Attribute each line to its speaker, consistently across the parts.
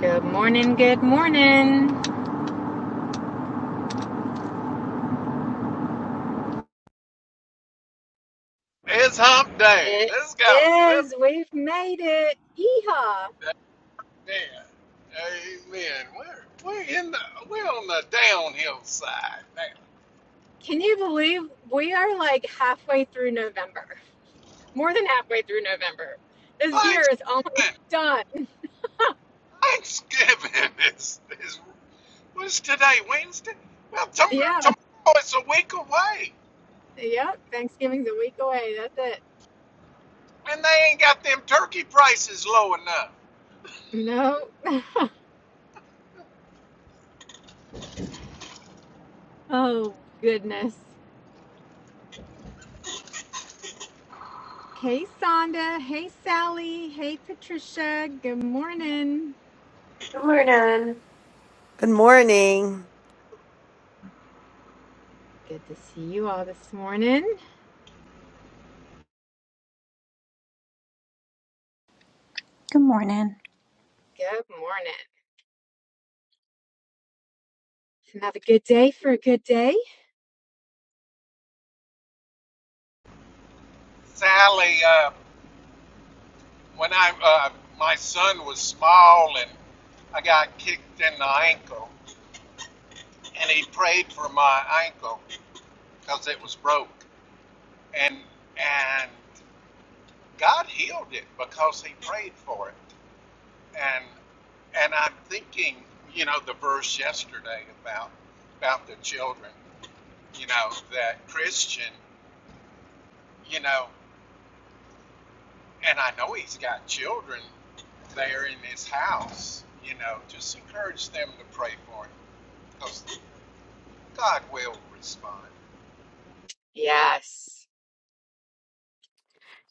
Speaker 1: Good morning, good morning.
Speaker 2: It's hump day.
Speaker 1: It
Speaker 2: Let's go. Let's
Speaker 1: is. We've made it. Yeehaw.
Speaker 2: yeah. Amen. We're we're in the we're on the downhill side now.
Speaker 1: Can you believe we are like halfway through November? More than halfway through November. This year is
Speaker 2: Thanksgiving.
Speaker 1: almost done.
Speaker 2: Thanksgiving is is what's today? Wednesday? Well tomorrow,
Speaker 1: Yeah.
Speaker 2: tomorrow it's a week away.
Speaker 1: Yep. Thanksgiving's a week away. That's it.
Speaker 2: And they ain't got them turkey prices low enough.
Speaker 1: No. Oh, goodness. Hey, Sonda. Hey, Sally. Hey, Patricia. Good morning.
Speaker 3: Good morning.
Speaker 4: Good morning.
Speaker 1: Good to see you all this morning.
Speaker 5: Good morning.
Speaker 1: Good morning. It's another good day for a good day.
Speaker 2: Sally, uh, when I uh, my son was small and I got kicked in the ankle and he prayed for my ankle because it was broke. and and God healed it because he prayed for it. And and I'm thinking, you know, the verse yesterday about about the children, you know, that Christian, you know, and I know he's got children there in his house, you know, just encourage them to pray for him because God will respond.
Speaker 1: Yes.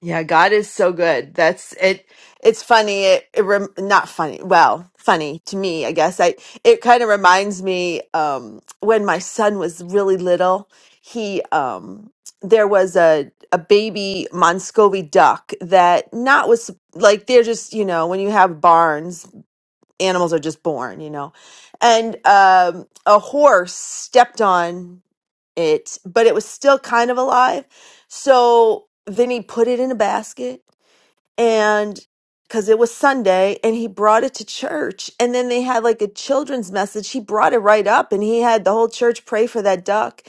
Speaker 4: Yeah, God is so good. That's it. It's funny. It, it rem, not funny. Well, funny to me, I guess. I it kind of reminds me um, when my son was really little. He um, there was a a baby Monscovy duck that not was like they're just you know when you have barns, animals are just born, you know, and um, a horse stepped on. it, but it was still kind of alive. So then he put it in a basket and because it was Sunday and he brought it to church. And then they had like a children's message. He brought it right up and he had the whole church pray for that duck.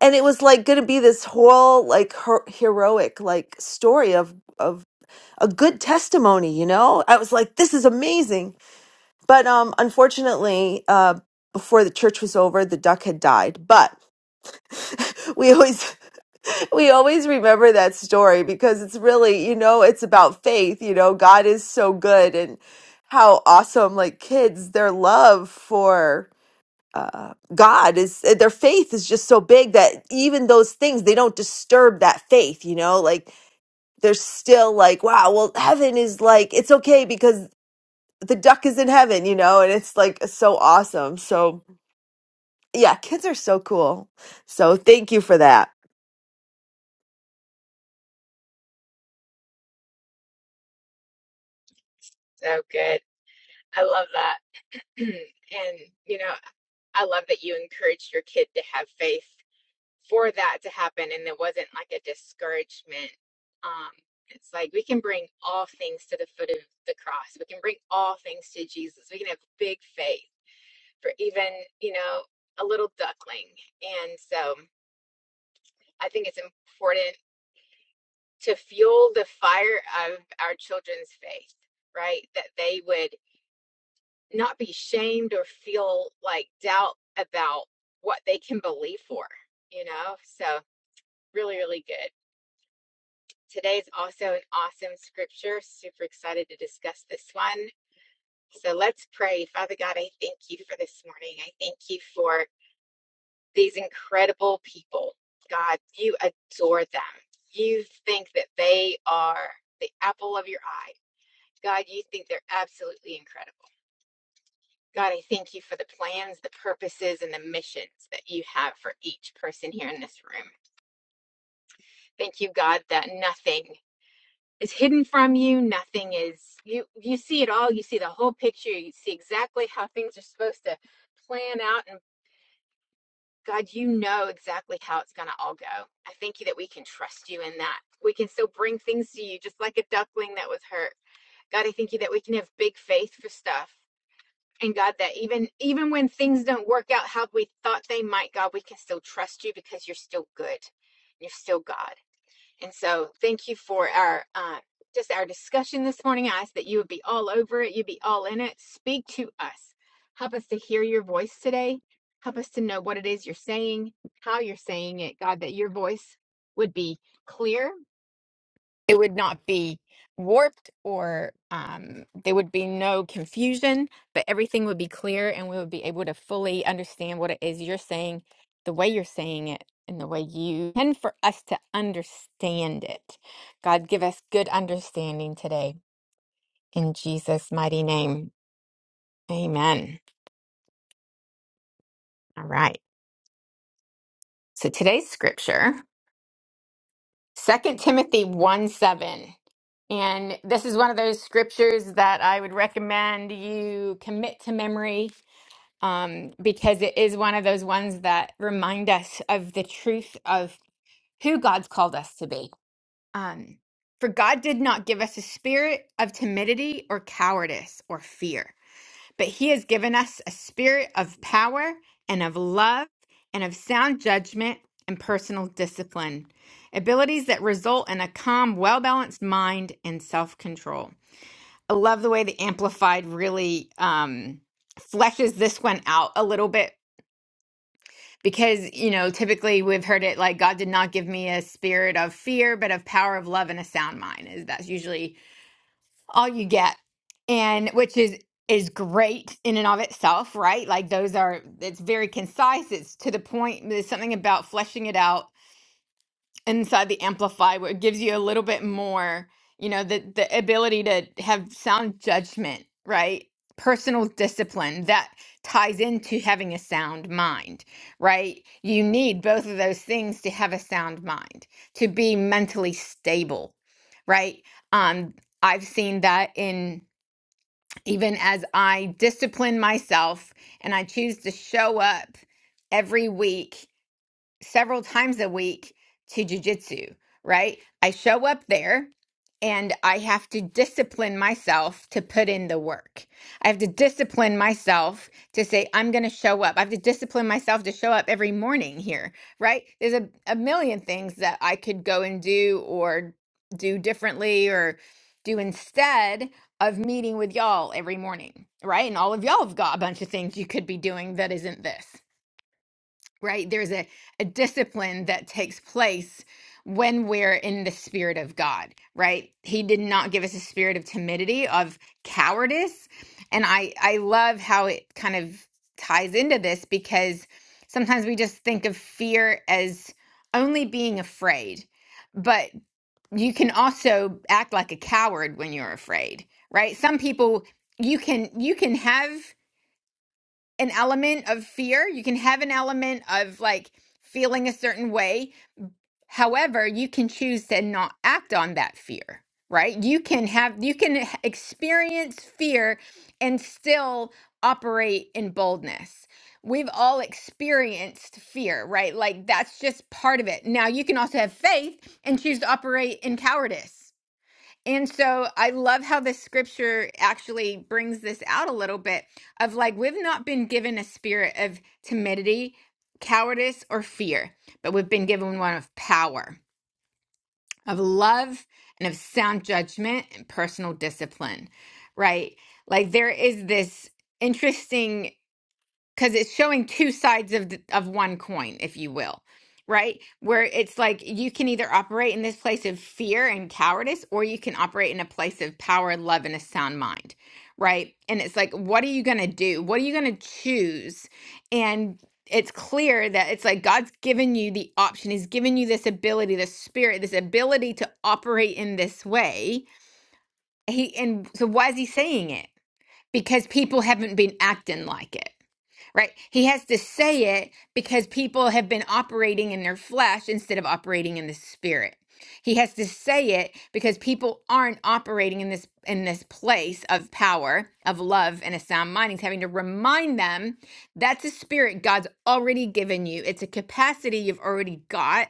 Speaker 4: And it was like going to be this whole like her- heroic like story of, of a good testimony, you know? I was like, this is amazing. But um, unfortunately, uh, before the church was over, the duck had died. But we always We always remember that story because it's really, you know, it's about faith. You know, God is so good and how awesome, like kids, their love for uh, God is, their faith is just so big that even those things, they don't disturb that faith, you know, like they're still like, wow, well, heaven is like, it's okay because the duck is in heaven, you know, and it's like so awesome. So, yeah, kids are so cool. So, thank you for that.
Speaker 1: So good. I love that. And, you know, I love that you encouraged your kid to have faith for that to happen. And it wasn't like a discouragement. Um, it's like we can bring all things to the foot of the cross. We can bring all things to Jesus. We can have big faith for even, you know, a little duckling. And so I think it's important to fuel the fire of our children's faith, right? That they would not be shamed or feel like doubt about what they can believe for, you know? So, really, really good. Today's also an awesome scripture. Super excited to discuss this one. So, let's pray. Father God, I thank you for this morning. I thank you for these incredible people. God, you adore them. You think that they are the apple of your eye. God, you think they're absolutely incredible. God, I thank you for the plans, the purposes, and the missions that you have for each person here in this room. Thank you, God, that nothing is hidden from you. Nothing is you you see it all. You see the whole picture. You see exactly how things are supposed to plan out and God, you know exactly how it's going to all go. I thank you that we can trust you in that. We can still bring things to you just like a duckling that was hurt. God, I thank you that we can have big faith for stuff. And God, that even even when things don't work out how we thought they might, God, we can still trust you because you're still good. You're still God. And so thank you for our uh, just our discussion this morning. I ask that you would be all over it, you'd be all in it. Speak to us. Help us to hear your voice today. Help us to know what it is you're saying, how you're saying it, God, that your voice would be clear it would not be warped or um, there would be no confusion, but everything would be clear and we would be able to fully understand what it is you're saying, the way you're saying it, and the way you and for us to understand it. God, give us good understanding today in Jesus' mighty name. Amen. All right. So today's scripture. Second Timothy 1 7. And this is one of those scriptures that I would recommend you commit to memory um, because it is one of those ones that remind us of the truth of who God's called us to be. Um, For God did not give us a spirit of timidity or cowardice or fear but he has given us a spirit of power and of love and of sound judgment and personal discipline, abilities that result in a calm, well balanced mind and self control. I love the way the Amplified really um, fleshes this one out a little bit because, you know, typically we've heard it like God did not give me a spirit of fear, but of power, of love, and a sound mind. Is That's usually all you get and which is is great in and of itself right like those are it's very concise it's to the point there's something about fleshing it out inside the amplify where it gives you a little bit more you know the the ability to have sound judgment right personal discipline that ties into having a sound mind right you need both of those things to have a sound mind to be mentally stable right um i've seen that in even as I discipline myself and I choose to show up every week several times a week to jujitsu, right? I show up there and I have to discipline myself to put in the work. I have to discipline myself to say, I'm going to show up. I have to discipline myself to show up every morning here, right? There's a, a million things that I could go and do or do differently or do instead of meeting with y'all every morning, right? And all of y'all have got a bunch of things you could be doing that isn't this right? There's a, a discipline that takes place when we're in the spirit of God, right? He did not give us a spirit of timidity, of cowardice. And I, I love how it kind of ties into this because sometimes we just think of fear as only being afraid, but you can also act like a coward when you're afraid, right? Some people you can you can have an element of fear. You can have an element of like feeling a certain way. However, you can choose to not act on that fear, right? You can have, you can experience fear and still operate in boldness. We've all experienced fear, right? Like that's just part of it. Now, you can also have faith and choose to operate in cowardice and so I love how the scripture actually brings this out a little bit of like, we've not been given a spirit of timidity, cowardice, or fear, but we've been given one of power, of love, and of sound judgment and personal discipline, right? Like, there is this interesting because it's showing two sides of the, of one coin, if you will, right? Where it's like you can either operate in this place of fear and cowardice, or you can operate in a place of power, love, and a sound mind, right? And it's like, what are you gonna do? What are you gonna choose? And it's clear that it's like God's given you the option. He's given you this ability, this spirit, this ability to operate in this way. He and so why is he saying it? Because people haven't been acting like it right? He has to say it because people have been operating in their flesh instead of operating in the spirit. He has to say it because people aren't operating in this in this place of power, of love and a sound mind. He's having to remind them that's a spirit God's already given you. It's a capacity you've already got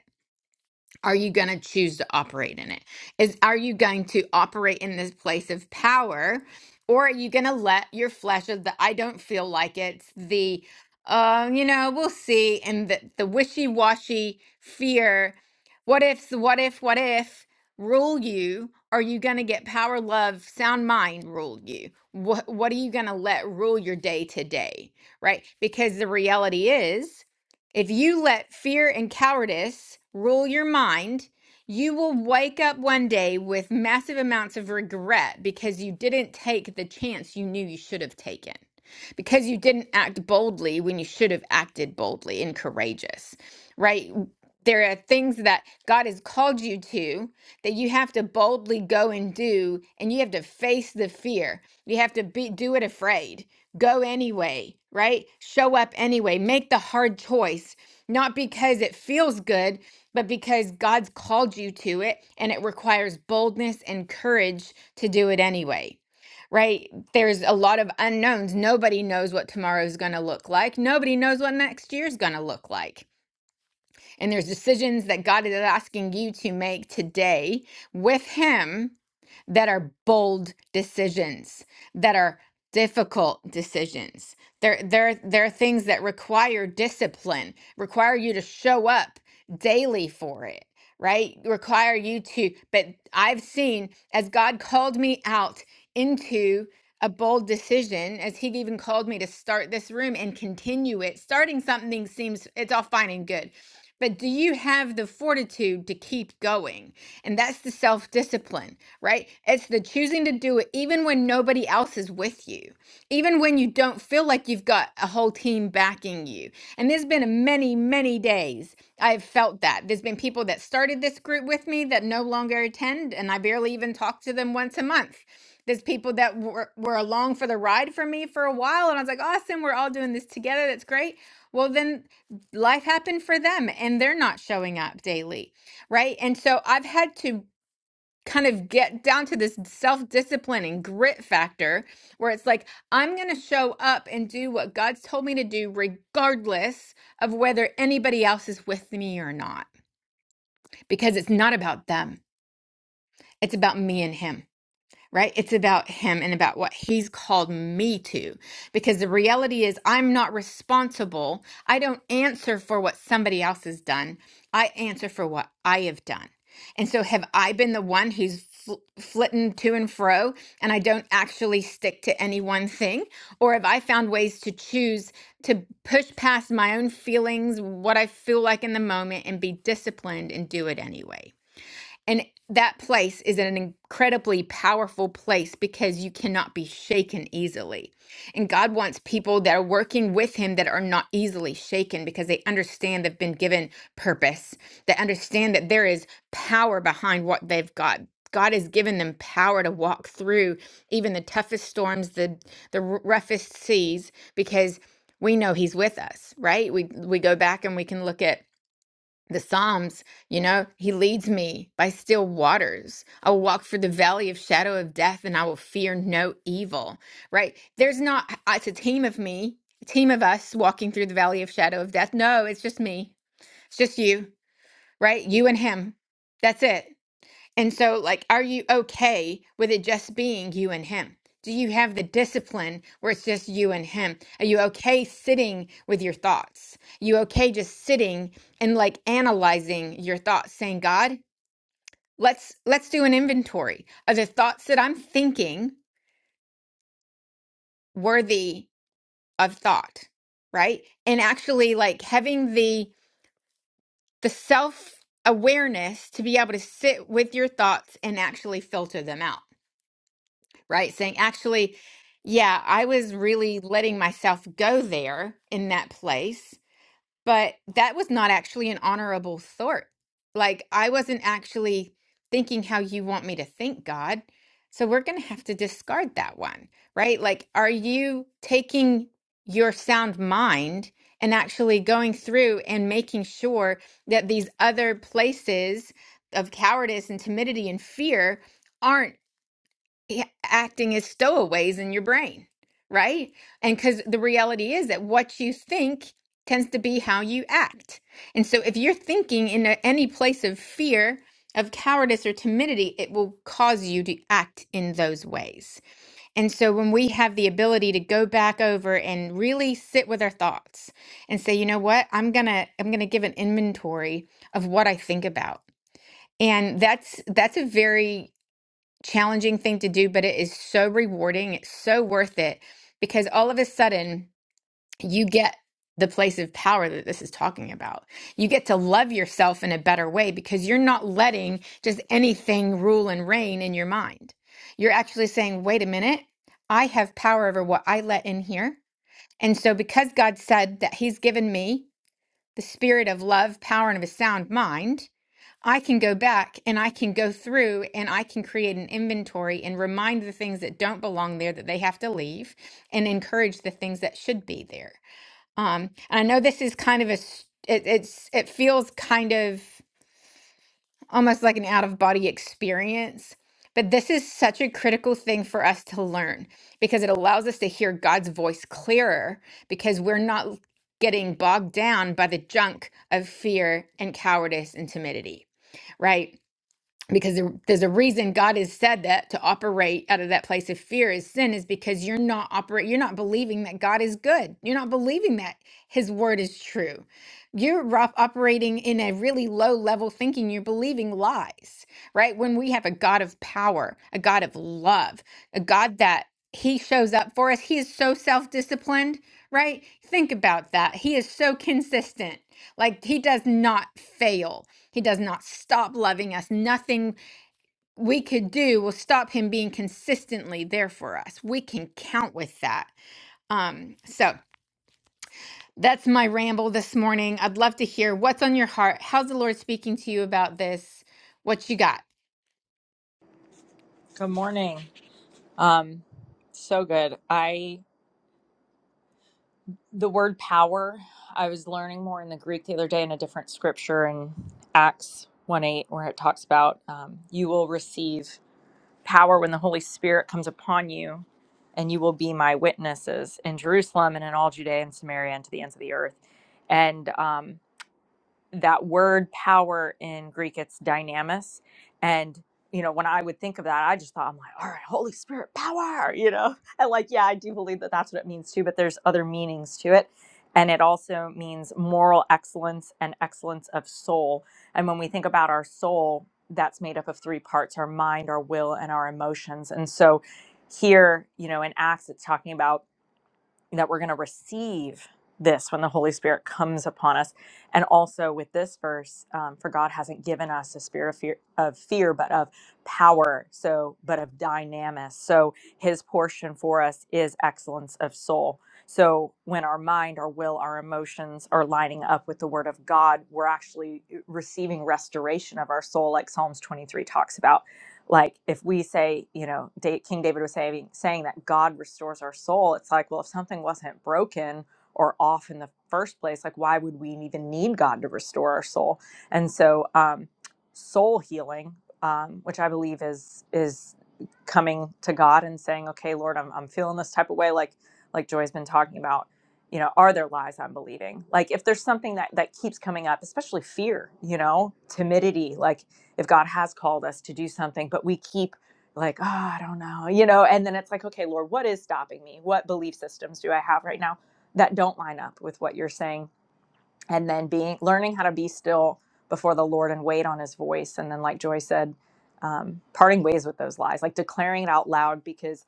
Speaker 1: are you going to choose to operate in it is are you going to operate in this place of power or are you going to let your flesh of the i don't feel like it's the uh, you know we'll see and the, the wishy-washy fear what ifs what if what if rule you are you going to get power love sound mind rule you what, what are you going to let rule your day to day right because the reality is if you let fear and cowardice rule your mind, you will wake up one day with massive amounts of regret because you didn't take the chance you knew you should have taken, because you didn't act boldly when you should have acted boldly and courageous, right? There are things that God has called you to that you have to boldly go and do and you have to face the fear you have to be do it afraid go anyway right show up anyway make the hard choice not because it feels good but because god's called you to it and it requires boldness and courage to do it anyway right there's a lot of unknowns nobody knows what tomorrow's going to look like nobody knows what next year's going to look like and there's decisions that God is asking you to make today with Him that are bold decisions, that are difficult decisions. There, there, there are things that require discipline, require you to show up daily for it, right? Require you to, but I've seen as God called me out into a bold decision, as He even called me to start this room and continue it, starting something seems, it's all fine and good but do you have the fortitude to keep going? And that's the self discipline, right? It's the choosing to do it even when nobody else is with you, even when you don't feel like you've got a whole team backing you. And there's been many, many days I've felt that. There's been people that started this group with me that no longer attend, and I barely even talk to them once a month. There's people that were, were along for the ride for me for a while, and I was like, awesome, we're all doing this together. That's great. Well, then life happened for them and they're not showing up daily, right? And so I've had to kind of get down to this self discipline and grit factor where it's like, I'm going to show up and do what God's told me to do, regardless of whether anybody else is with me or not, because it's not about them, it's about me and Him right? It's about him and about what he's called me to. Because the reality is, I'm not responsible. I don't answer for what somebody else has done. I answer for what I have done. And so, have I been the one who's fl- flitting to and fro and I don't actually stick to any one thing? Or have I found ways to choose to push past my own feelings, what I feel like in the moment, and be disciplined and do it anyway? And that place is an incredibly powerful place because you cannot be shaken easily. And God wants people that are working with Him that are not easily shaken because they understand they've been given purpose. They understand that there is power behind what they've got. God has given them power to walk through even the toughest storms, the the r- roughest seas, because we know He's with us, right? We we go back and we can look at the Psalms, you know, he leads me by still waters. I will walk through the valley of shadow of death and I will fear no evil, right? There's not, uh, it's a team of me, a team of us walking through the valley of shadow of death. No, it's just me. It's just you, right? You and him. That's it. And so, like, are you okay with it just being you and him? Do you have the discipline where it's just you and him? Are you okay sitting with your thoughts? You okay just sitting and like analyzing your thoughts, saying, God, let's let's do an inventory. Are the thoughts that I'm thinking worthy of thought? Right? And actually like having the the self awareness to be able to sit with your thoughts and actually filter them out right? Saying, actually, yeah, I was really letting myself go there in that place, but that was not actually an honorable thought. Like, I wasn't actually thinking how you want me to think, God. So we're going to have to discard that one, right? Like, are you taking your sound mind and actually going through and making sure that these other places of cowardice and timidity and fear? aren't a- acting as stowaways in your brain, right? And because the reality is that what you think tends to be how you act. And so if you're thinking in a, any place of fear, of cowardice or timidity, it will cause you to act in those ways. And so when we have the ability to go back over and really sit with our thoughts and say, you know what, I'm gonna I'm gonna give an inventory of what I think about. And that's that's a very challenging thing to do, but it is so rewarding. It's so worth it because all of a sudden you get the place of power that this is talking about. You get to love yourself in a better way because you're not letting just anything rule and reign in your mind. You're actually saying, wait a minute, I have power over what I let in here. And so, because God said that He's given me the spirit of love, power, and of a sound mind, I can go back and I can go through and I can create an inventory and remind the things that don't belong there that they have to leave and encourage the things that should be there. Um, and I know this is kind of a, s- it, it's, it feels kind of almost like an out of body experience, but this is such a critical thing for us to learn because it allows us to hear God's voice clearer because we're not getting bogged down by the junk of fear and cowardice and timidity, right? because there- there's a reason God has said that to operate out of that place of fear is sin is because you're not operate you're not believing that God is good. You're not believing that his word is true. You're ro- operating in a really low level thinking. You're believing lies, right? When we have a God of power, a God of love, a God that he shows up for us. He is so self disciplined, right? Think about that. He is so consistent. Like he does not fail. He does not stop loving us. Nothing we could do will stop him being consistently there for us. We can count with that. Um so that's my ramble this morning. I'd love to hear what's on your heart. How's the Lord speaking to you about this? What you got?
Speaker 6: Good morning. Um, so good. I the word power. I was learning more in the Greek the other day in a different scripture in Acts one eight, where it talks about um, you will receive power when the Holy Spirit comes upon you, and you will be my witnesses in Jerusalem and in all Judea and Samaria and to the ends of the earth. And um, that word power in Greek, it's dynamis. And, you know, when I would think of that, I just thought, I'm like, all right, Holy Spirit, power, you know? And like, yeah, I do believe that that's what it means too, but there's other meanings to it. And it also means moral excellence and excellence of soul. And when we think about our soul, that's made up of three parts our mind, our will, and our emotions. And so here, you know, in Acts, it's talking about that we're going to receive this when the Holy Spirit comes upon us. And also with this verse, um, for God hasn't given us a spirit of fear, of fear, but of power. So, but of dynamis. So, His portion for us is excellence of soul. So, when our mind, our will, our emotions are lining up with the Word of God, we're actually uh, receiving restoration of our soul, like Psalms 23 talks about like if we say you know Da- king david was saying saying that god restores our soul it's like well if something wasn't broken or off in the first place like why would we even need god to restore our soul and so um soul healing um which i believe is is coming to god and saying okay lord i'm, I'm feeling this type of way like like joy's been talking about you know are there lies i'm believing like if there's something that that keeps coming up especially fear you know timidity like if God has called us to do something, but we keep like, oh, I don't know, you know, and then it's like, okay, Lord, what is stopping me? What belief systems do I have right now that don't line up with what you're saying? And then being learning how to be still before the Lord and wait on his voice. And then, like Joy said, um, parting ways with those lies, like declaring it out loud because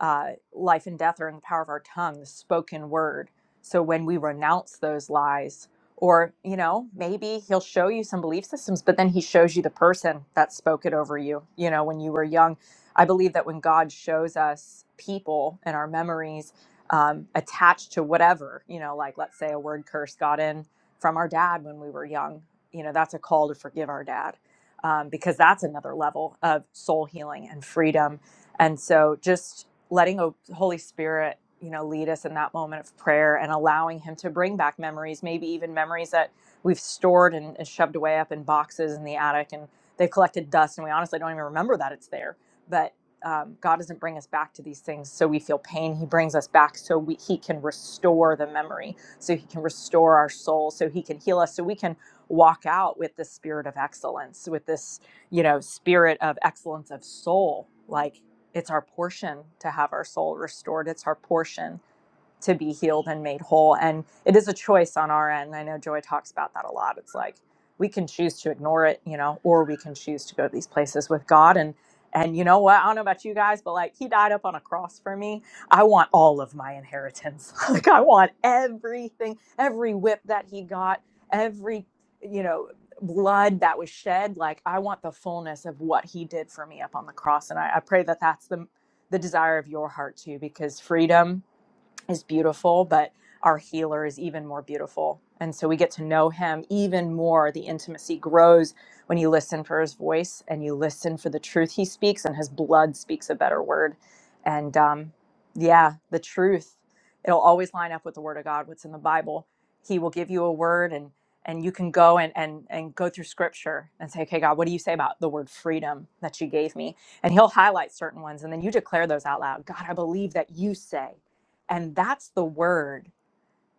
Speaker 6: uh, life and death are in the power of our tongue, the spoken word. So when we renounce those lies, or, you know, maybe he'll show you some belief systems, but then he shows you the person that spoke it over you, you know, when you were young. I believe that when God shows us people and our memories um, attached to whatever, you know, like let's say a word curse got in from our dad when we were young, you know, that's a call to forgive our dad um, because that's another level of soul healing and freedom. And so just letting a holy spirit you know lead us in that moment of prayer and allowing him to bring back memories maybe even memories that we've stored and, and shoved away up in boxes in the attic and they've collected dust and we honestly don't even remember that it's there but um, god doesn't bring us back to these things so we feel pain he brings us back so we, he can restore the memory so he can restore our soul so he can heal us so we can walk out with this spirit of excellence with this you know spirit of excellence of soul like it's our portion to have our soul restored. It's our portion to be healed and made whole. And it is a choice on our end. I know Joy talks about that a lot. It's like we can choose to ignore it, you know, or we can choose to go to these places with God. And and you know what? I don't know about you guys, but like he died up on a cross for me. I want all of my inheritance. like I want everything, every whip that he got, every, you know, blood that was shed. Like I want the fullness of what he did for me up on the cross. And I, I pray that that's the the desire of your heart too, because freedom is beautiful, but our healer is even more beautiful. And so we get to know him even more. The intimacy grows when you listen for his voice and you listen for the truth he speaks, and his blood speaks a better word. And um, yeah, the truth, it'll always line up with the word of God, what's in the Bible. He will give you a word and and you can go and, and and go through scripture and say, okay, God, what do you say about the word freedom that you gave me? And he'll highlight certain ones and then you declare those out loud. God, I believe that you say. And that's the word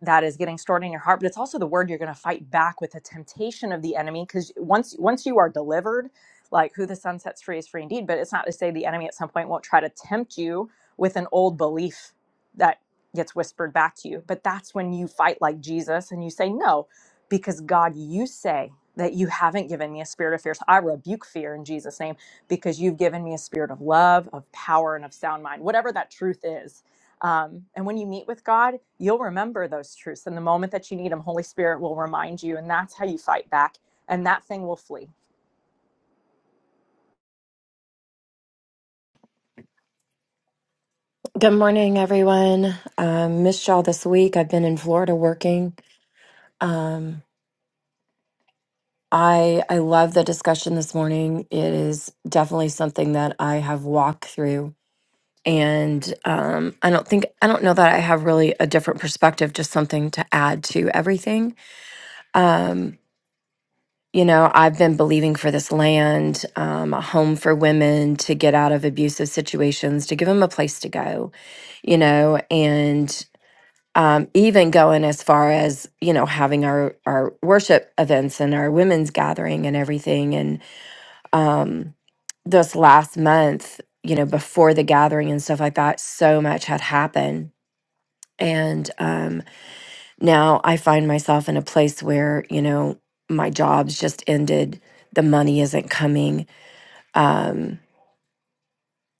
Speaker 6: that is getting stored in your heart, but it's also the word you're going to fight back with the temptation of the enemy cuz once once you are delivered, like who the sun sets free is free indeed, but it's not to say the enemy at some point won't try to tempt you with an old belief that gets whispered back to you. But that's when you fight like Jesus and you say no because God you say that you haven't given me a spirit of fear. So I rebuke fear in Jesus name because you've given me a spirit of love, of power and of sound mind. Whatever that truth is um, and when you meet with God, you'll remember those truths. And the moment that you need them, Holy Spirit will remind you. And that's how you fight back. And that thing will flee
Speaker 3: Good morning, everyone. Um, missed y'all this week. I've been in Florida working. Um, I I love the discussion this morning. It is definitely something that I have walked through, and um, I don't think I don't know that I have really a different perspective. Just something to add to everything. Um, you know, I've been believing for this land, um, a home for women to get out of abusive situations, to give them a place to go you know, and um, even going as far as you know having our our worship events and our women's gathering and everything and um this last month you know before the gathering and stuff like that so much had happened and um now i find myself in a place where you know my job's just ended the money isn't coming um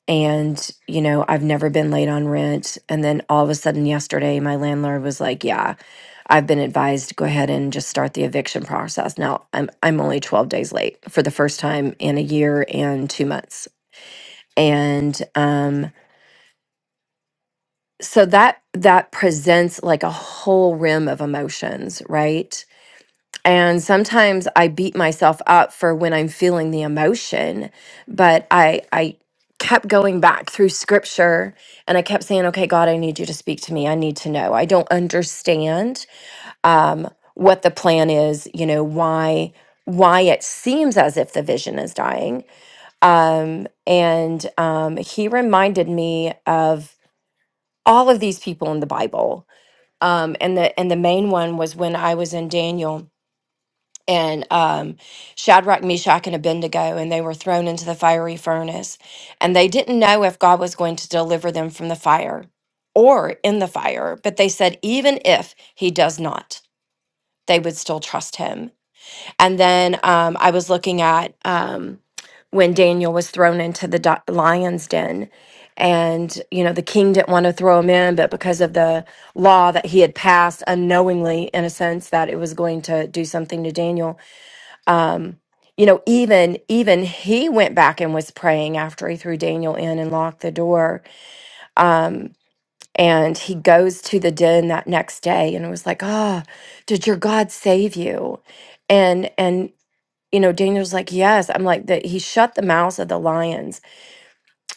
Speaker 3: and you know i've never been late on rent and then all of a sudden yesterday my landlord was like yeah I've been advised to go ahead and just start the eviction process. Now, I'm I'm only 12 days late for the first time in a year and 2 months. And um so that that presents like a whole rim of emotions, right? And sometimes I beat myself up for when I'm feeling the emotion, but I I kept going back through scripture and I kept saying, "Okay, God, I need you to speak to me. I need to know. I don't understand." um, what the plan is, you know, why why it seems as if the vision is dying. Um, and um, he reminded me of all of these people in the Bible. Um, and the and the main one was when I was in Daniel and um, Shadrach, Meshach, and Abednego, and they were thrown into the fiery furnace, and they didn't know if God was going to deliver them from the fire or in the fire. But they said, even if He does not, they would still trust Him And then um, I was looking at um, when Daniel was thrown into the do- lion's den. And, you know, the king didn't want to throw him in, but because of the law that he had passed unknowingly, in a sense, that it was going to do something to Daniel. Um, you know, even even he went back and was praying after he threw Daniel in and locked the door. Um, And he goes to the den that next day and it was like, "Ah, did your God save you?" And and you know, Daniel's like, yes. I'm like, that he shut the mouths of the lions.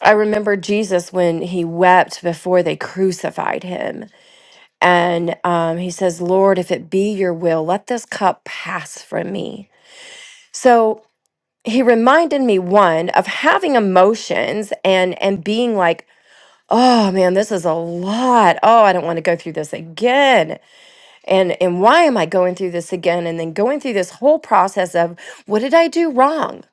Speaker 3: I remember Jesus when he wept before they crucified him. And um, he says, Lord, if it be your will, let this cup pass from me. So he reminded me, one, of having emotions and and being like, oh man, this is a lot. Oh, I don't want to go through this again. And and why am I going through this again? And then going through this whole process of what did I do wrong?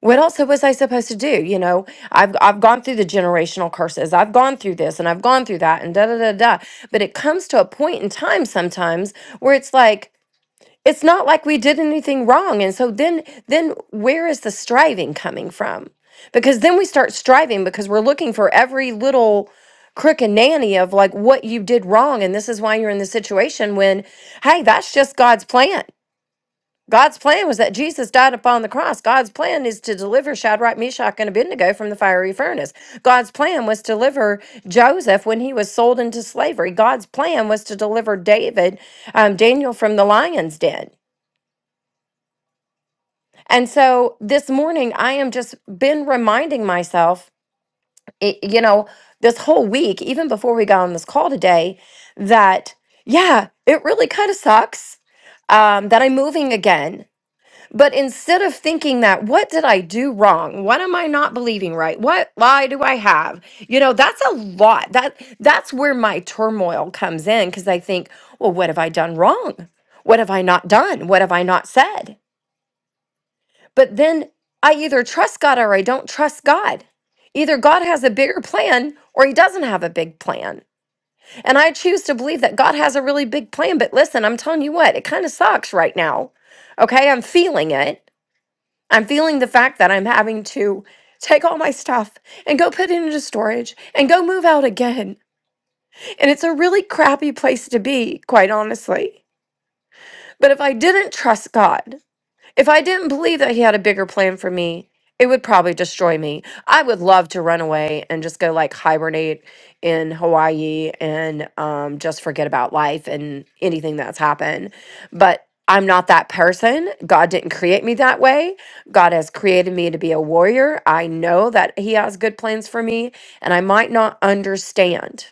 Speaker 3: what else was I supposed to do? You know, I've I've gone through the generational curses. I've gone through this and I've gone through that and da da da da. But it comes to a point in time sometimes where it's like it's not like we did anything wrong. And so then then where is the striving coming from? Because then we start striving because we're looking for every little crook and nanny of like what you did wrong and this is why you're in this situation when hey, that's just God's plan. God's plan was that Jesus died upon the cross. God's plan is to deliver Shadrach, Meshach, and Abednego from the fiery furnace. God's plan was to deliver Joseph when he was sold into slavery. God's plan was to deliver David, um, Daniel from the lion's den. And so this morning, I am just been reminding myself, i- you know, this whole week, even before we got on this call today, that yeah, it really kind of sucks um, that I'm moving again But instead of thinking that, what did I do wrong? What am I not believing right? What lie do I have? You know, that's a lot. That that's where my turmoil comes in because I think, well, what have I done wrong? What have I not done? What have I not said? But then I either trust God or I don't trust God. Either God has a bigger plan or he doesn't have a big plan. And I choose to believe that God has a really big plan. But listen, I'm telling you what, it kind of sucks right now. Okay, I'm feeling it I'm feeling the fact that I'm having to take all my stuff and go put it into storage and go move out again. And it's a really crappy place to be, quite honestly. But if I didn't trust God, if I didn't believe that he had a bigger plan for me, it would probably destroy me. I would love to run away and just go like hibernate in Hawaii and um, just forget about life and anything that's happened. But I'm not that person. God didn't create me that way. God has created me to be a warrior. I know that He has good plans for me, and I might not understand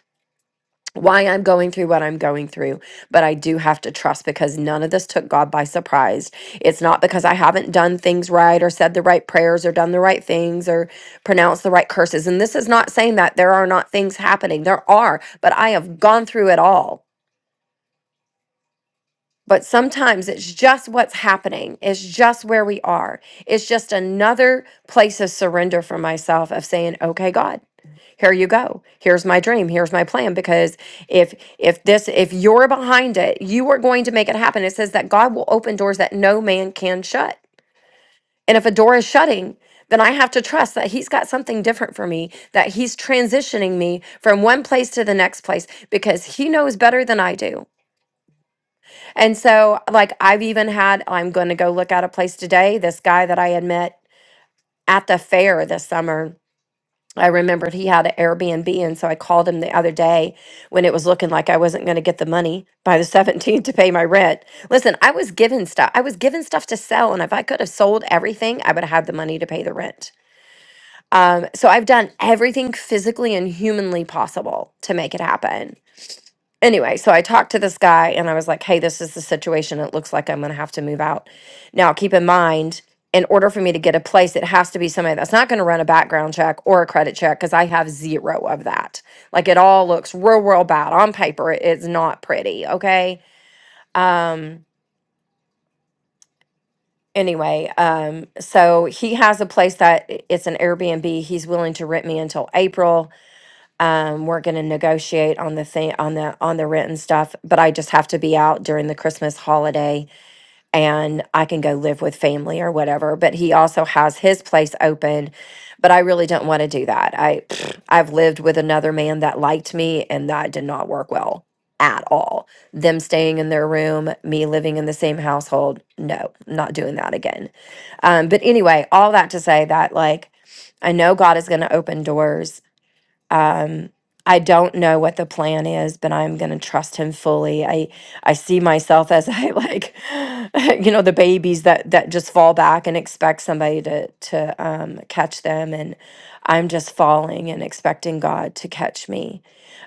Speaker 3: why I'm going through what I'm going through, but I do have to trust because none of this took God by surprise. It's not because I haven't done things right or said the right prayers or done the right things or pronounced the right curses. And this is not saying that there are not things happening, there are, but I have gone through it all. But sometimes it's just what's happening. It's just where we are. It's just another place of surrender for myself of saying, okay, God here you go here's my dream here's my plan because if if this if you're behind it you are going to make it happen it says that god will open doors that no man can shut and if a door is shutting then i have to trust that he's got something different for me that he's transitioning me from one place to the next place because he knows better than i do and so like i've even had i'm going to go look at a place today this guy that i had met at the fair this summer I remembered he had an Airbnb, and so I called him the other day when it was looking like I wasn't going to get the money by the 17th to pay my rent. Listen, I was given stuff. I was given stuff to sell, and if I could have sold everything, I would have had the money to pay the rent. Um, so I've done everything physically and humanly possible to make it happen anyway, so I talked to this guy and I was like, hey, this is the situation. It looks like I'm going to have to move out. Now, keep in mind, in order for me to get a place, it has to be somebody that's not going to run a background check or a credit check because I have zero of that. Like it all looks real, real bad on paper. It's not pretty. Okay. Um, anyway, um, so he has a place that i- it's an Airbnb. He's willing to rent me until April um, we're going to negotiate on the thing on the on the rent and stuff but i just have to be out during the christmas holiday and i can go live with family or whatever but he also has his place open but i really don't want to do that i i've lived with another man that liked me and that did not work well at all them staying in their room me living in the same household no not doing that again um, but anyway all that to say that like i know god is going to open doors um I don't know what the plan is, but I'm going to trust him fully. I I see myself as I like you know the babies that that just fall back and expect somebody to to um catch them and I'm just falling and expecting God to catch me.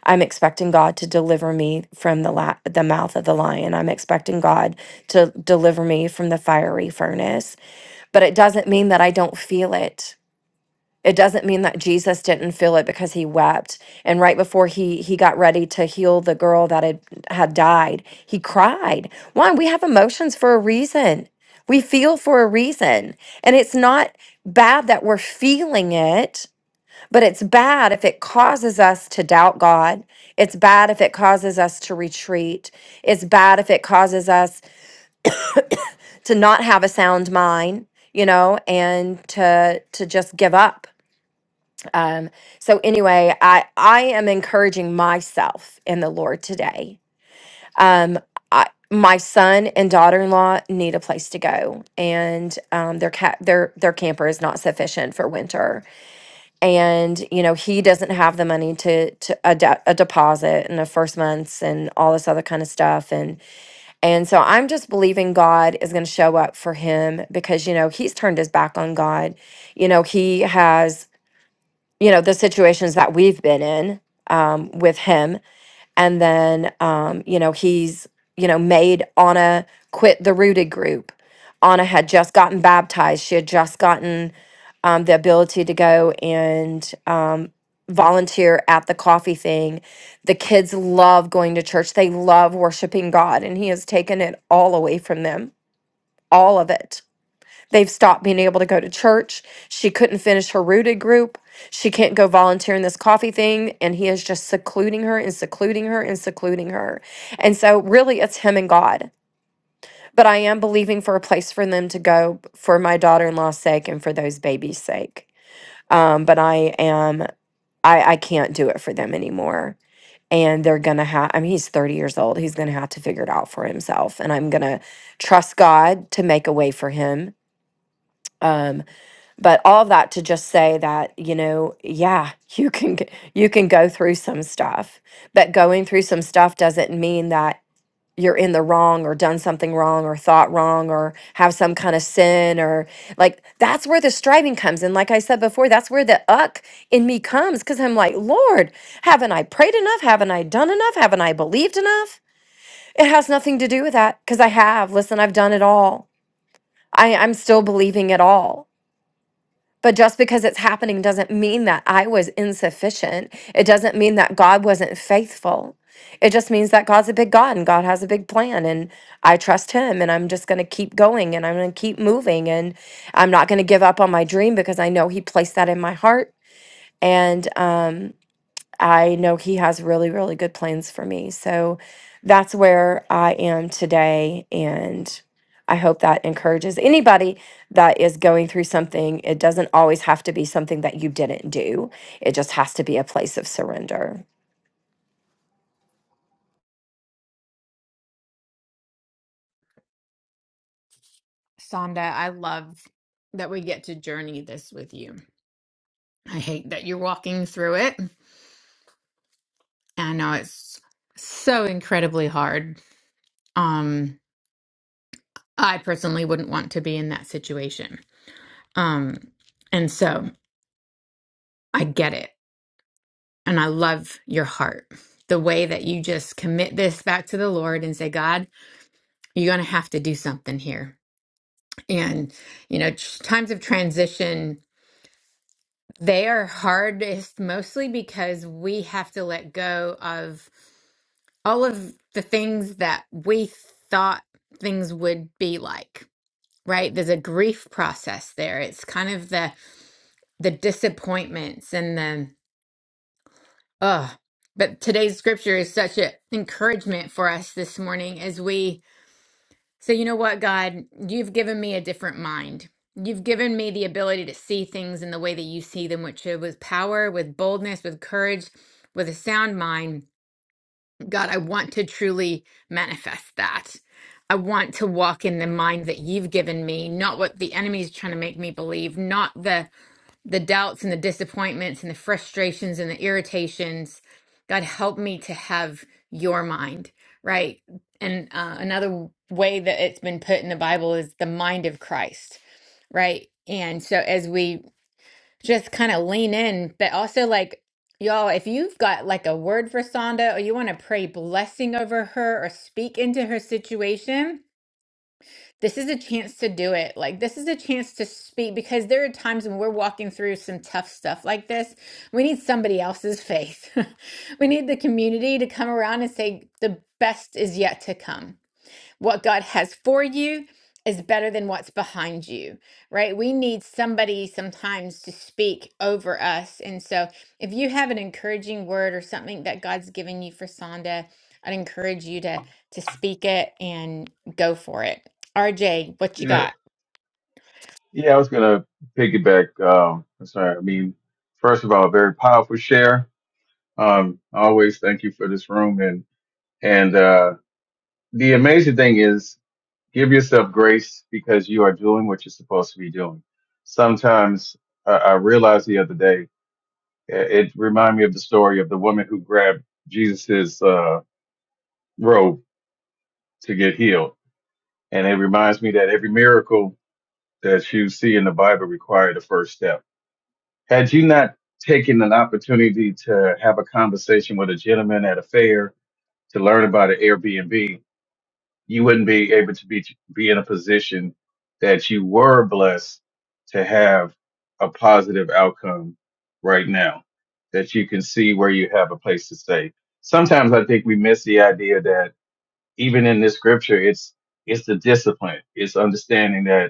Speaker 3: I'm expecting God to deliver me from the la- the mouth of the lion. I'm expecting God to deliver me from the fiery furnace, but it doesn't mean that I don't feel it it doesn't mean that Jesus didn't feel it because he wept. And right before he he got ready to heal the girl that had had died, he cried. Why? We have emotions for a reason. We feel for a reason. And it's not bad that we're feeling it, but it's bad if it causes us to doubt God. It's bad if it causes us to retreat. It's bad if it causes us to not have a sound mind, you know, and to to just give up um, so anyway, I I am encouraging myself in the Lord today. Um, I, my son and daughter-in-law need a place to go, and um, their cat their their camper is not sufficient for winter. And you know he doesn't have the money to to a, de- a deposit and a first months and all this other kind of stuff. And and so I'm just believing God is going to show up for him because you know he's turned his back on God. You know he has you know the situations that we've been in um, with him and then um, you know he's you know made anna quit the rooted group anna had just gotten baptized she had just gotten um, the ability to go and um, volunteer at the coffee thing the kids love going to church they love worshiping god and he has taken it all away from them all of it They've stopped being able to go to church. She couldn't finish her rooted group. She can't go volunteer in this coffee thing. And he is just secluding her and secluding her and secluding her. And so, really, it's him and God. But I am believing for a place for them to go for my daughter in law's sake and for those babies' sake. Um, but I am, I, I can't do it for them anymore. And they're going to have, I mean, he's 30 years old. He's going to have to figure it out for himself. And I'm going to trust God to make a way for him Um, but all of that to just say that you know yeah you can g- you can go through some stuff but going through some stuff doesn't mean that you're in the wrong or done something wrong or thought wrong or have some kind of sin or like that's where the striving comes and like i said before that's where the uck in me comes because i'm like lord haven't i prayed enough haven't i done enough haven't i believed enough it has nothing to do with that because i have listen i've done it all I, i'm still believing it all but just because it's happening doesn't mean that I was insufficient. It doesn't mean that God wasn't faithful. It just means that God's a big God and God has a big plan and I trust him and I'm just going to keep going and I'm going to keep moving and I'm not going to give up on my dream because I know he placed that in my heart and um, I know he has really, really good plans for me. So that's where I am today. And I hope that encourages anybody that is going through something. It doesn't always have to be something that you didn't do, it just has to be a place of surrender.
Speaker 1: Sonda, I love that we get to journey this with you. I hate that you're walking through it. I know it's so incredibly hard. Um I personally wouldn't want to be in that situation. Um, and so I get it. And I love your heart. The way that you just commit this back to the Lord and say, God, you're going to have to do something here. And, you know, tr- times of transition, they are hardest mostly because we have to let go of all of the things that we thought things would be like, right? There's a grief process there. It's kind of the, the disappointments and the oh but today's scripture is such an encouragement for us this morning as we say you know what god you've given me a different mind you've given me the ability to see things in the way that you see them which is with power with boldness with courage with a sound mind god i want to truly manifest that I want to walk in the mind that you've given me, not what the enemy's trying to make me believe, not the the doubts and the disappointments and the frustrations and the irritations. God, help me to have your mind, right? And uh, another w- way that it's been put in the Bible is the mind of Christ, right? And so as we just kind of lean in, but also like, y'all, if you've got like a word for Sonda or you want to pray blessing over her or speak into her situation, this is a chance to do it. Like, this is a chance to speak because there are times when we're walking through some tough stuff like this. We need somebody else's faith. we need the community to come around and say, the best is yet to come. What God has for you is better than what's behind you, right? We need somebody sometimes to speak over us. And so if you have an encouraging word or something that God's given you for Sonda, I'd encourage you to to speak it and go for it. RJ, what you
Speaker 7: Yeah,
Speaker 1: got?
Speaker 7: yeah, I was gonna piggyback. Um, I'm sorry. I mean, first of all, very powerful share. Um, always thank you for this room, and and uh, the amazing thing is, give yourself grace because you are doing what you're supposed to be doing. Sometimes I, I realized the other day, it, it reminded me of the story of the woman who grabbed Jesus's uh, robe to get healed, and it reminds me that every miracle that you see in the Bible required a first step had you not taken an opportunity to have a conversation with a gentleman at a fair to learn about an Airbnb, you wouldn't be able to be be in a position that you were blessed to have a positive outcome right now that you can see where you have a place to stay. Sometimes I think we miss the idea that even in this scripture it's it's the discipline. It's understanding that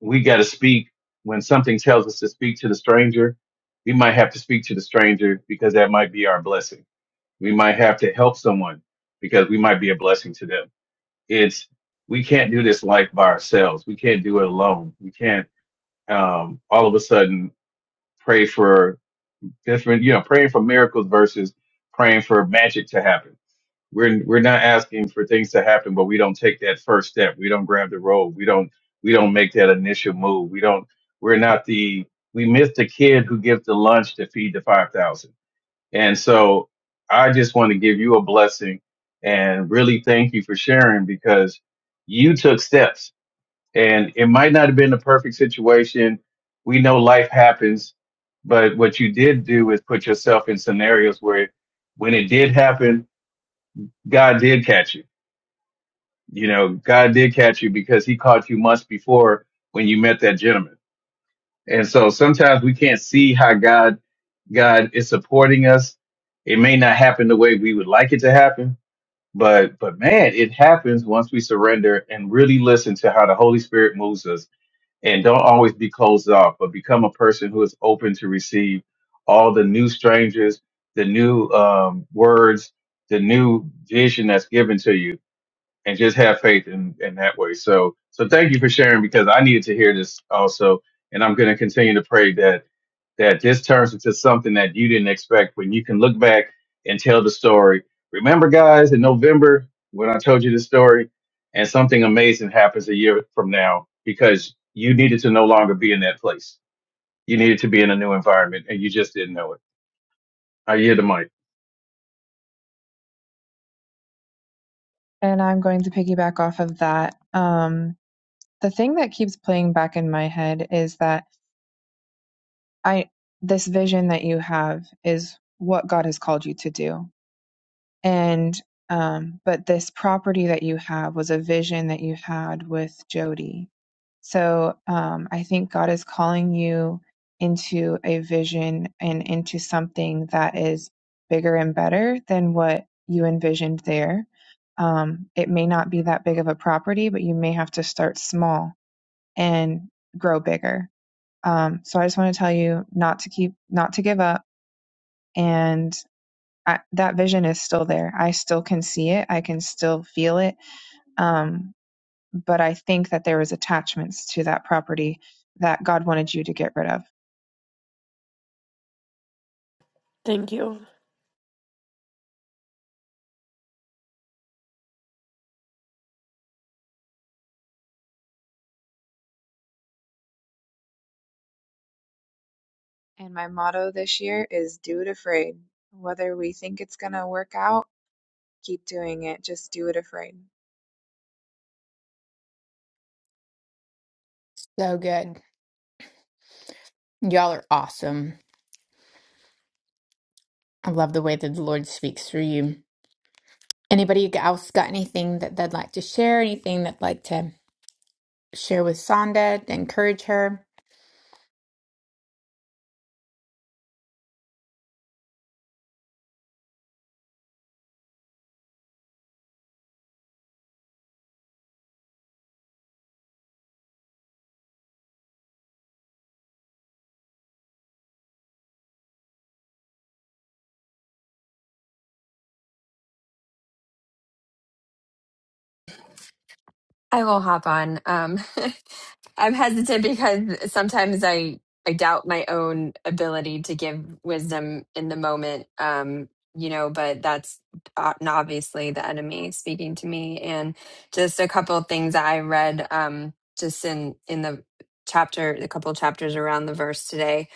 Speaker 7: we got to speak when something tells us to speak to the stranger. We might have to speak to the stranger because that might be our blessing. We might have to help someone because we might be a blessing to them. It's we can't do this life by ourselves. We can't do it alone. We can't um, all of a sudden pray for different, you know, praying for miracles versus praying for magic to happen we're we're not asking for things to happen, but we don't take that first step. We don't grab the rope. We don't we don't make that initial move. We don't. We're not the we miss the kid who gives the lunch to feed the five thousand. And so I just want to give you a blessing and really thank you for sharing because you took steps and it might not have been the perfect situation. We know life happens, but what you did do is put yourself in scenarios where when it did happen, God did catch you you know, God did catch you because he caught you months before when you met that gentleman. And so sometimes we can't see how God God is supporting us. It may not happen the way we would like it to happen, but but man, it happens once we surrender and really listen to how the Holy Spirit moves us and don't always be closed off, but become a person who is open to receive all the new strangers, the new um, words, the new vision that's given to you and just have faith in, in that way. So, so thank you for sharing because I needed to hear this also. And I'm going to continue to pray that, that this turns into something that you didn't expect when you can look back and tell the story. Remember guys in November when I told you the story and something amazing happens a year from now because you needed to no longer be in that place. You needed to be in a new environment and you just didn't know it. I hear the mic.
Speaker 8: And I'm going to piggyback off of that. Um, the thing that keeps playing back in my head is that I this vision that you have is what God has called you to do. And um, but this property that you have was a vision that you had with Jody. So um, I think God is calling you into a vision and into something that is bigger and better than what you envisioned there. Um, it may not be that big of a property, but you may have to start small and grow bigger. Um, so I just want to tell you not to keep, not to give up. And I, that vision is still there. I still can see it. I can still feel it. Um, but I think that there was attachments to that property that God wanted you to get rid of. And my motto this year is do it afraid. Whether we think it's going to work out, keep doing it. Just do it afraid.
Speaker 1: So good. Y'all are awesome. I love the way that the Lord speaks through you. Anybody else got anything that they'd like to share? Anything that'd like to share with Sonda to encourage her?
Speaker 9: I will hop on. Um, I'm hesitant because sometimes I I doubt my own ability to give wisdom in the moment. Um, you know, but that's o- obviously the enemy speaking to me. And just a couple of things that I read um, just in in the chapter, a couple chapters around the verse today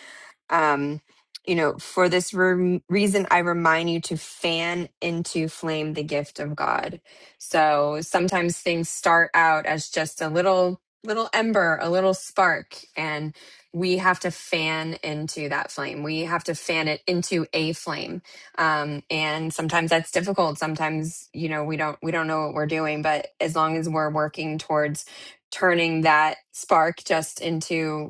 Speaker 9: um, you know, for this rem- reason, I remind you to fan into flame the gift of God. So sometimes things start out as just a little, little ember, a little spark, and we have to fan into that flame. We have to fan it into a flame, um, and sometimes that's difficult. Sometimes you know we don't we don't know what we're doing, but as long as we're working towards turning that spark just into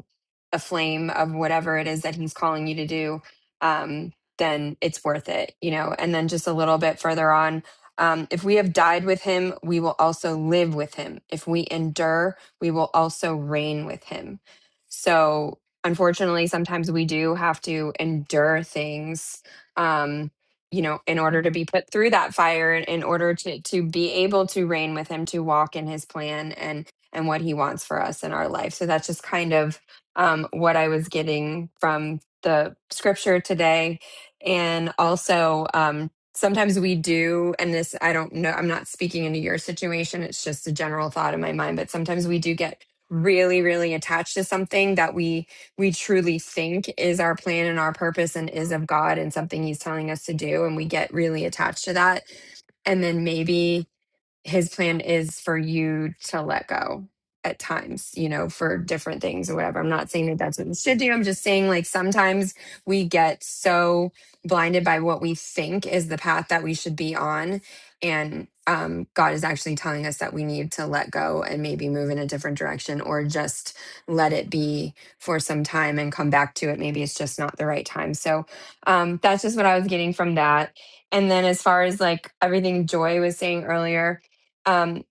Speaker 9: a flame of whatever it is that he's calling you to do, um, then it's worth it, you know. And then just a little bit further on, um, if we have died with him, we will also live with him. If we endure, we will also reign with him. So, unfortunately, sometimes we do have to endure things, um, you know, in order to be put through that fire, in in order to to be able to reign with him, to walk in his plan and and what he wants for us in our life. So that's just kind of um, what I was getting from the scripture today. And also, um, sometimes we do, and this, I don't know, I'm not speaking into your situation. It's just a general thought in my mind, but sometimes we do get really really attached to something that we we truly think is our plan and our purpose and is of God and something he's telling us to do and we get really attached to that and then maybe his plan is for you to let go at times, you know, for different things or whatever. I'm not saying that that's what you should do. I'm just saying, like, sometimes we get so blinded by what we think is the path that we should be on. And um, God is actually telling us that we need to let go and maybe move in a different direction or just let it be for some time and come back to it. Maybe it's just not the right time. So um, that's just what I was getting from that. And then as far as like everything Joy was saying earlier, um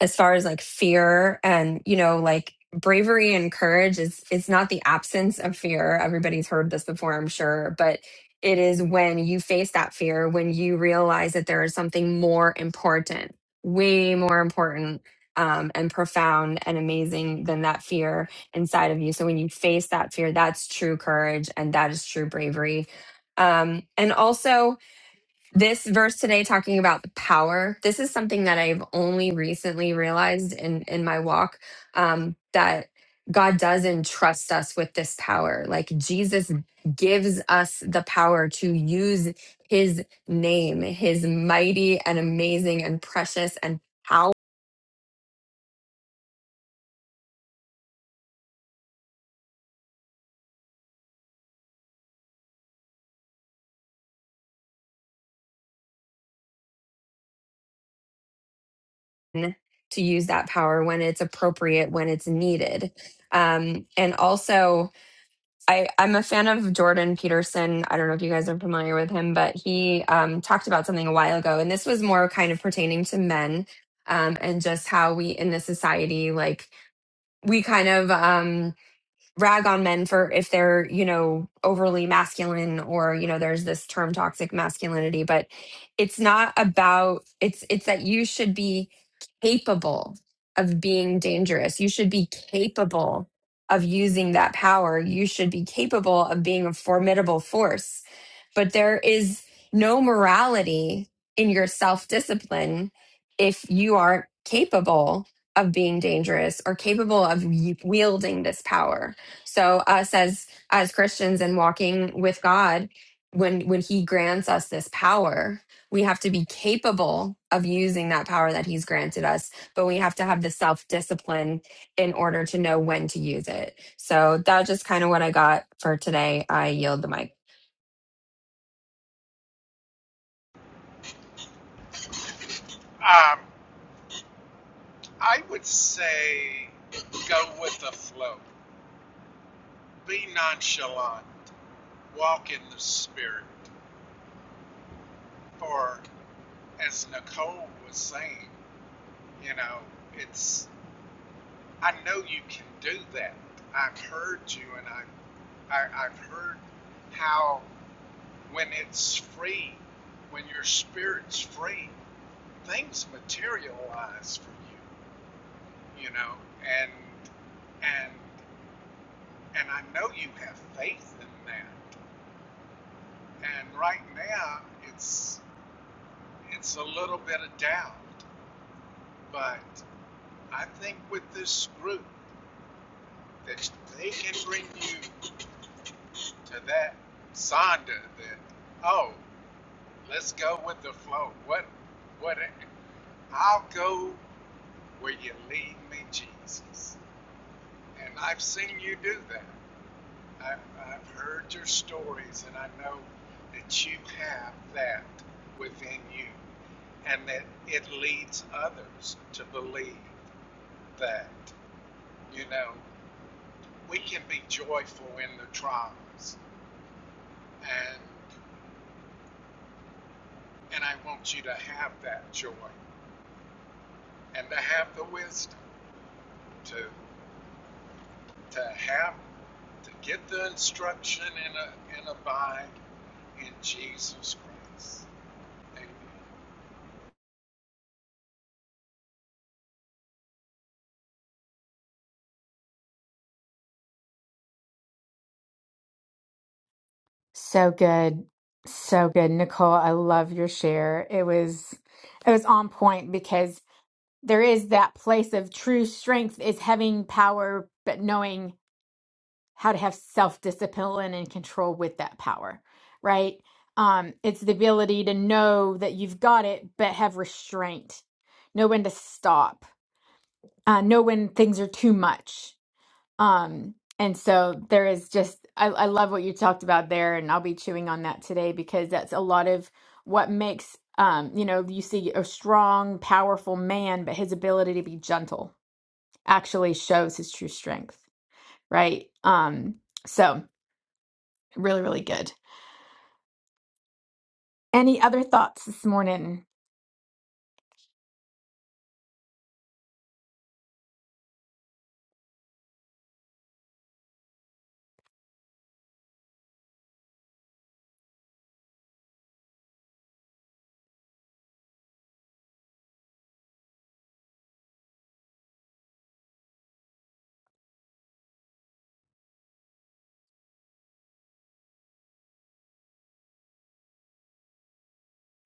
Speaker 9: as far as like fear and you know like bravery and courage is it's not the absence of fear everybody's heard this before i'm sure but it is when you face that fear when you realize that there is something more important way more important um, and profound and amazing than that fear inside of you so when you face that fear that's true courage and that is true bravery um, and also this verse today talking about the power this is something that i've only recently realized in in my walk um that god does entrust us with this power like jesus gives us the power to use his name his mighty and amazing and precious and power to use that power when it's appropriate when it's needed um and also I, I'm a fan of Jordan Peterson. I don't know if you guys are familiar with him, but he um, talked about something a while ago, and this was more kind of pertaining to men um, and just how we in the society, like we kind of um, rag on men for if they're you know overly masculine or you know there's this term toxic masculinity but it's not about it's it's that you should be capable of being dangerous you should be capable of using that power you should be capable of being a formidable force but there is no morality in your self discipline if you aren't capable of being dangerous or capable of y- wielding this power so us as as Christians and walking with God, when when He grants us this power, we have to be capable of using that power that He's granted us, but we have to have the self discipline in order to know when to use it. So that's just kind of what I got for today. I yield the mic.
Speaker 2: Um, I would say go with the flow. Be nonchalant. walk in the spirit. For as Nicole was saying, you know, it's I know you can do that. I've heard you, and I, I I've heard how when it's free, when your spirit's free, things materialize for you, you know, and and and I know you have faith in that. And right now, it's it's a little bit of doubt, but I think with this group that they can bring you to that Sonder that oh, let's go with the flow. What what I'll go where you lead me, Jesus. And I've seen you do that. I've, I've heard your stories, and I know that you have that within you, and that it leads others to believe that. You know, we can be joyful in the trials. And and I want you to have that joy and to have the wisdom to to have to get the instruction and, a, and abide in Jesus Christ.
Speaker 1: So good. So good, Nicole. I love your share. It was it was on point because there is that place of true strength is having power but knowing how to have self-discipline and control with that power, right? Um it's the ability to know that you've got it but have restraint. Know when to stop. Uh know when things are too much. Um, and so there is just, I, I love what you talked about there, and I'll be chewing on that today because that's a lot of what makes, um, you know, you see a strong, powerful man, but his ability to be gentle actually shows his true strength, right? Um, so really, really good. Any other thoughts this morning?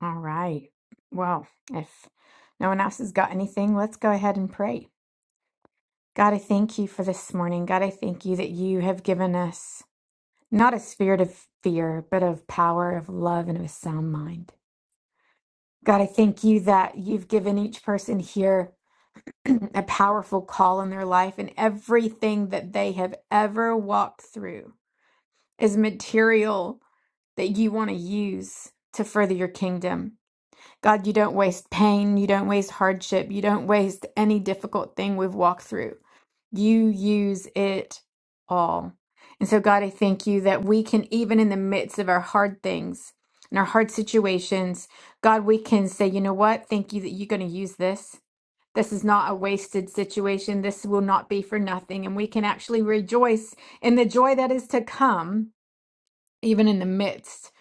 Speaker 1: All right. Well, if no one else has got anything, let's go ahead and pray. God, I thank you for this morning. God, I thank you that you have given us. Not a spirit of fear, but of power, of love, and of a sound mind. God, I thank you that you've given each person here a powerful call in their life, and everything that they have ever walked through is material that you want to use to further your kingdom. God, you don't waste pain, you don't waste hardship, you don't waste any difficult thing we've walked through. You use it all. And so, God, I thank you that we can, even in the midst of our hard things and our hard situations, God, we can say, you know what? Thank you that you're going to use this. This is not a wasted situation. This will not be for nothing. And we can actually rejoice in the joy that is to come, even in the midst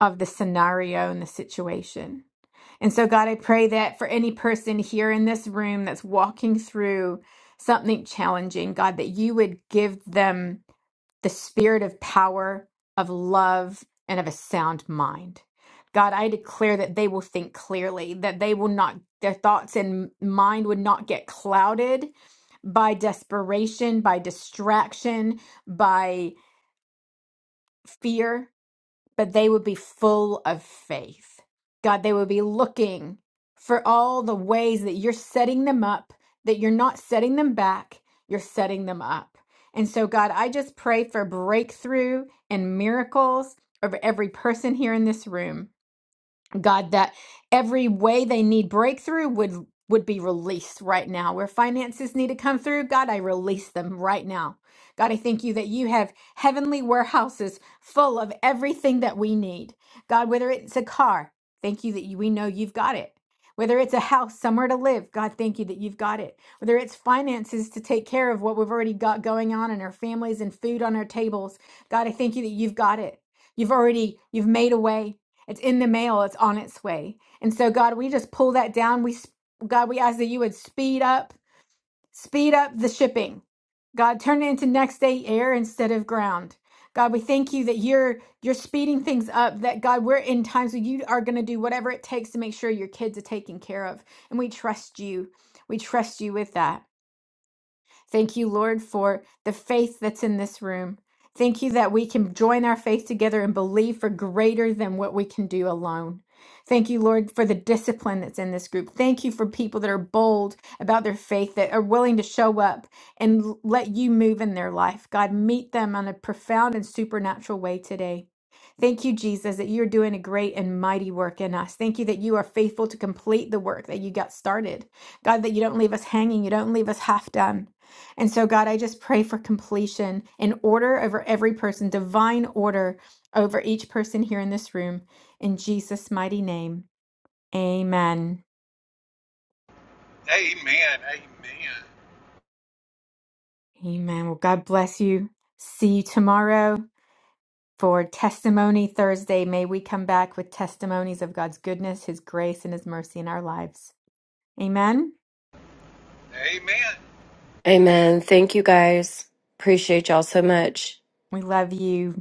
Speaker 1: of the scenario and the situation. And so, God, I pray that for any person here in this room that's walking through something challenging, God, that you would give them the spirit of power, of love, and of a sound mind. God, I declare that they will think clearly, that they will not, their thoughts and mind would not get clouded by desperation, by distraction, by fear but they would be full of faith. God, they would be looking for all the ways that you're setting them up, that you're not setting them back, you're setting them up. And so, God, I just pray for breakthrough and miracles over every person here in this room. God, that every way they need breakthrough would would be released right now. Where finances need to come through, God, I release them right now. God, I thank you that you have heavenly warehouses full of everything that we need. God, whether it's a car, thank you that you, we know you've got it. Whether it's a house, somewhere to live, God, thank you that you've got it. Whether it's finances to take care of what we've already got going on in our families and food on our tables, God, I thank you that you've got it. You've already you've made a way. It's in the mail. It's on its way. And so, God, we just pull that down. We, God, we ask that you would speed up, speed up the shipping. God, turn it into next day air instead of ground. God, we thank you that you're you're speeding things up. That God, we're in times where you are going to do whatever it takes to make sure your kids are taken care of, and we trust you. We trust you with that. Thank you, Lord, for the faith that's in this room. Thank you that we can join our faith together and believe for greater than what we can do alone. Thank you, Lord, for the discipline that's in this group. Thank you for people that are bold about their faith, that are willing to show up and l- let you move in their life. God, meet them on a profound and supernatural way today. Thank you, Jesus, that you're doing a great and mighty work in us. Thank you that you are faithful to complete the work that you got started. God, that you don't leave us hanging, you don't leave us half done. And so, God, I just pray for completion and order over every person, divine order over each person here in this room. In Jesus' mighty name, amen.
Speaker 2: Amen. Amen. Amen.
Speaker 1: Amen. Well, God bless you. See you tomorrow for Testimony Thursday. May we come back with testimonies of God's goodness, His grace, and His mercy in our lives. Amen.
Speaker 2: Amen.
Speaker 3: Amen. Thank you guys. Appreciate y'all so much.
Speaker 1: We love you.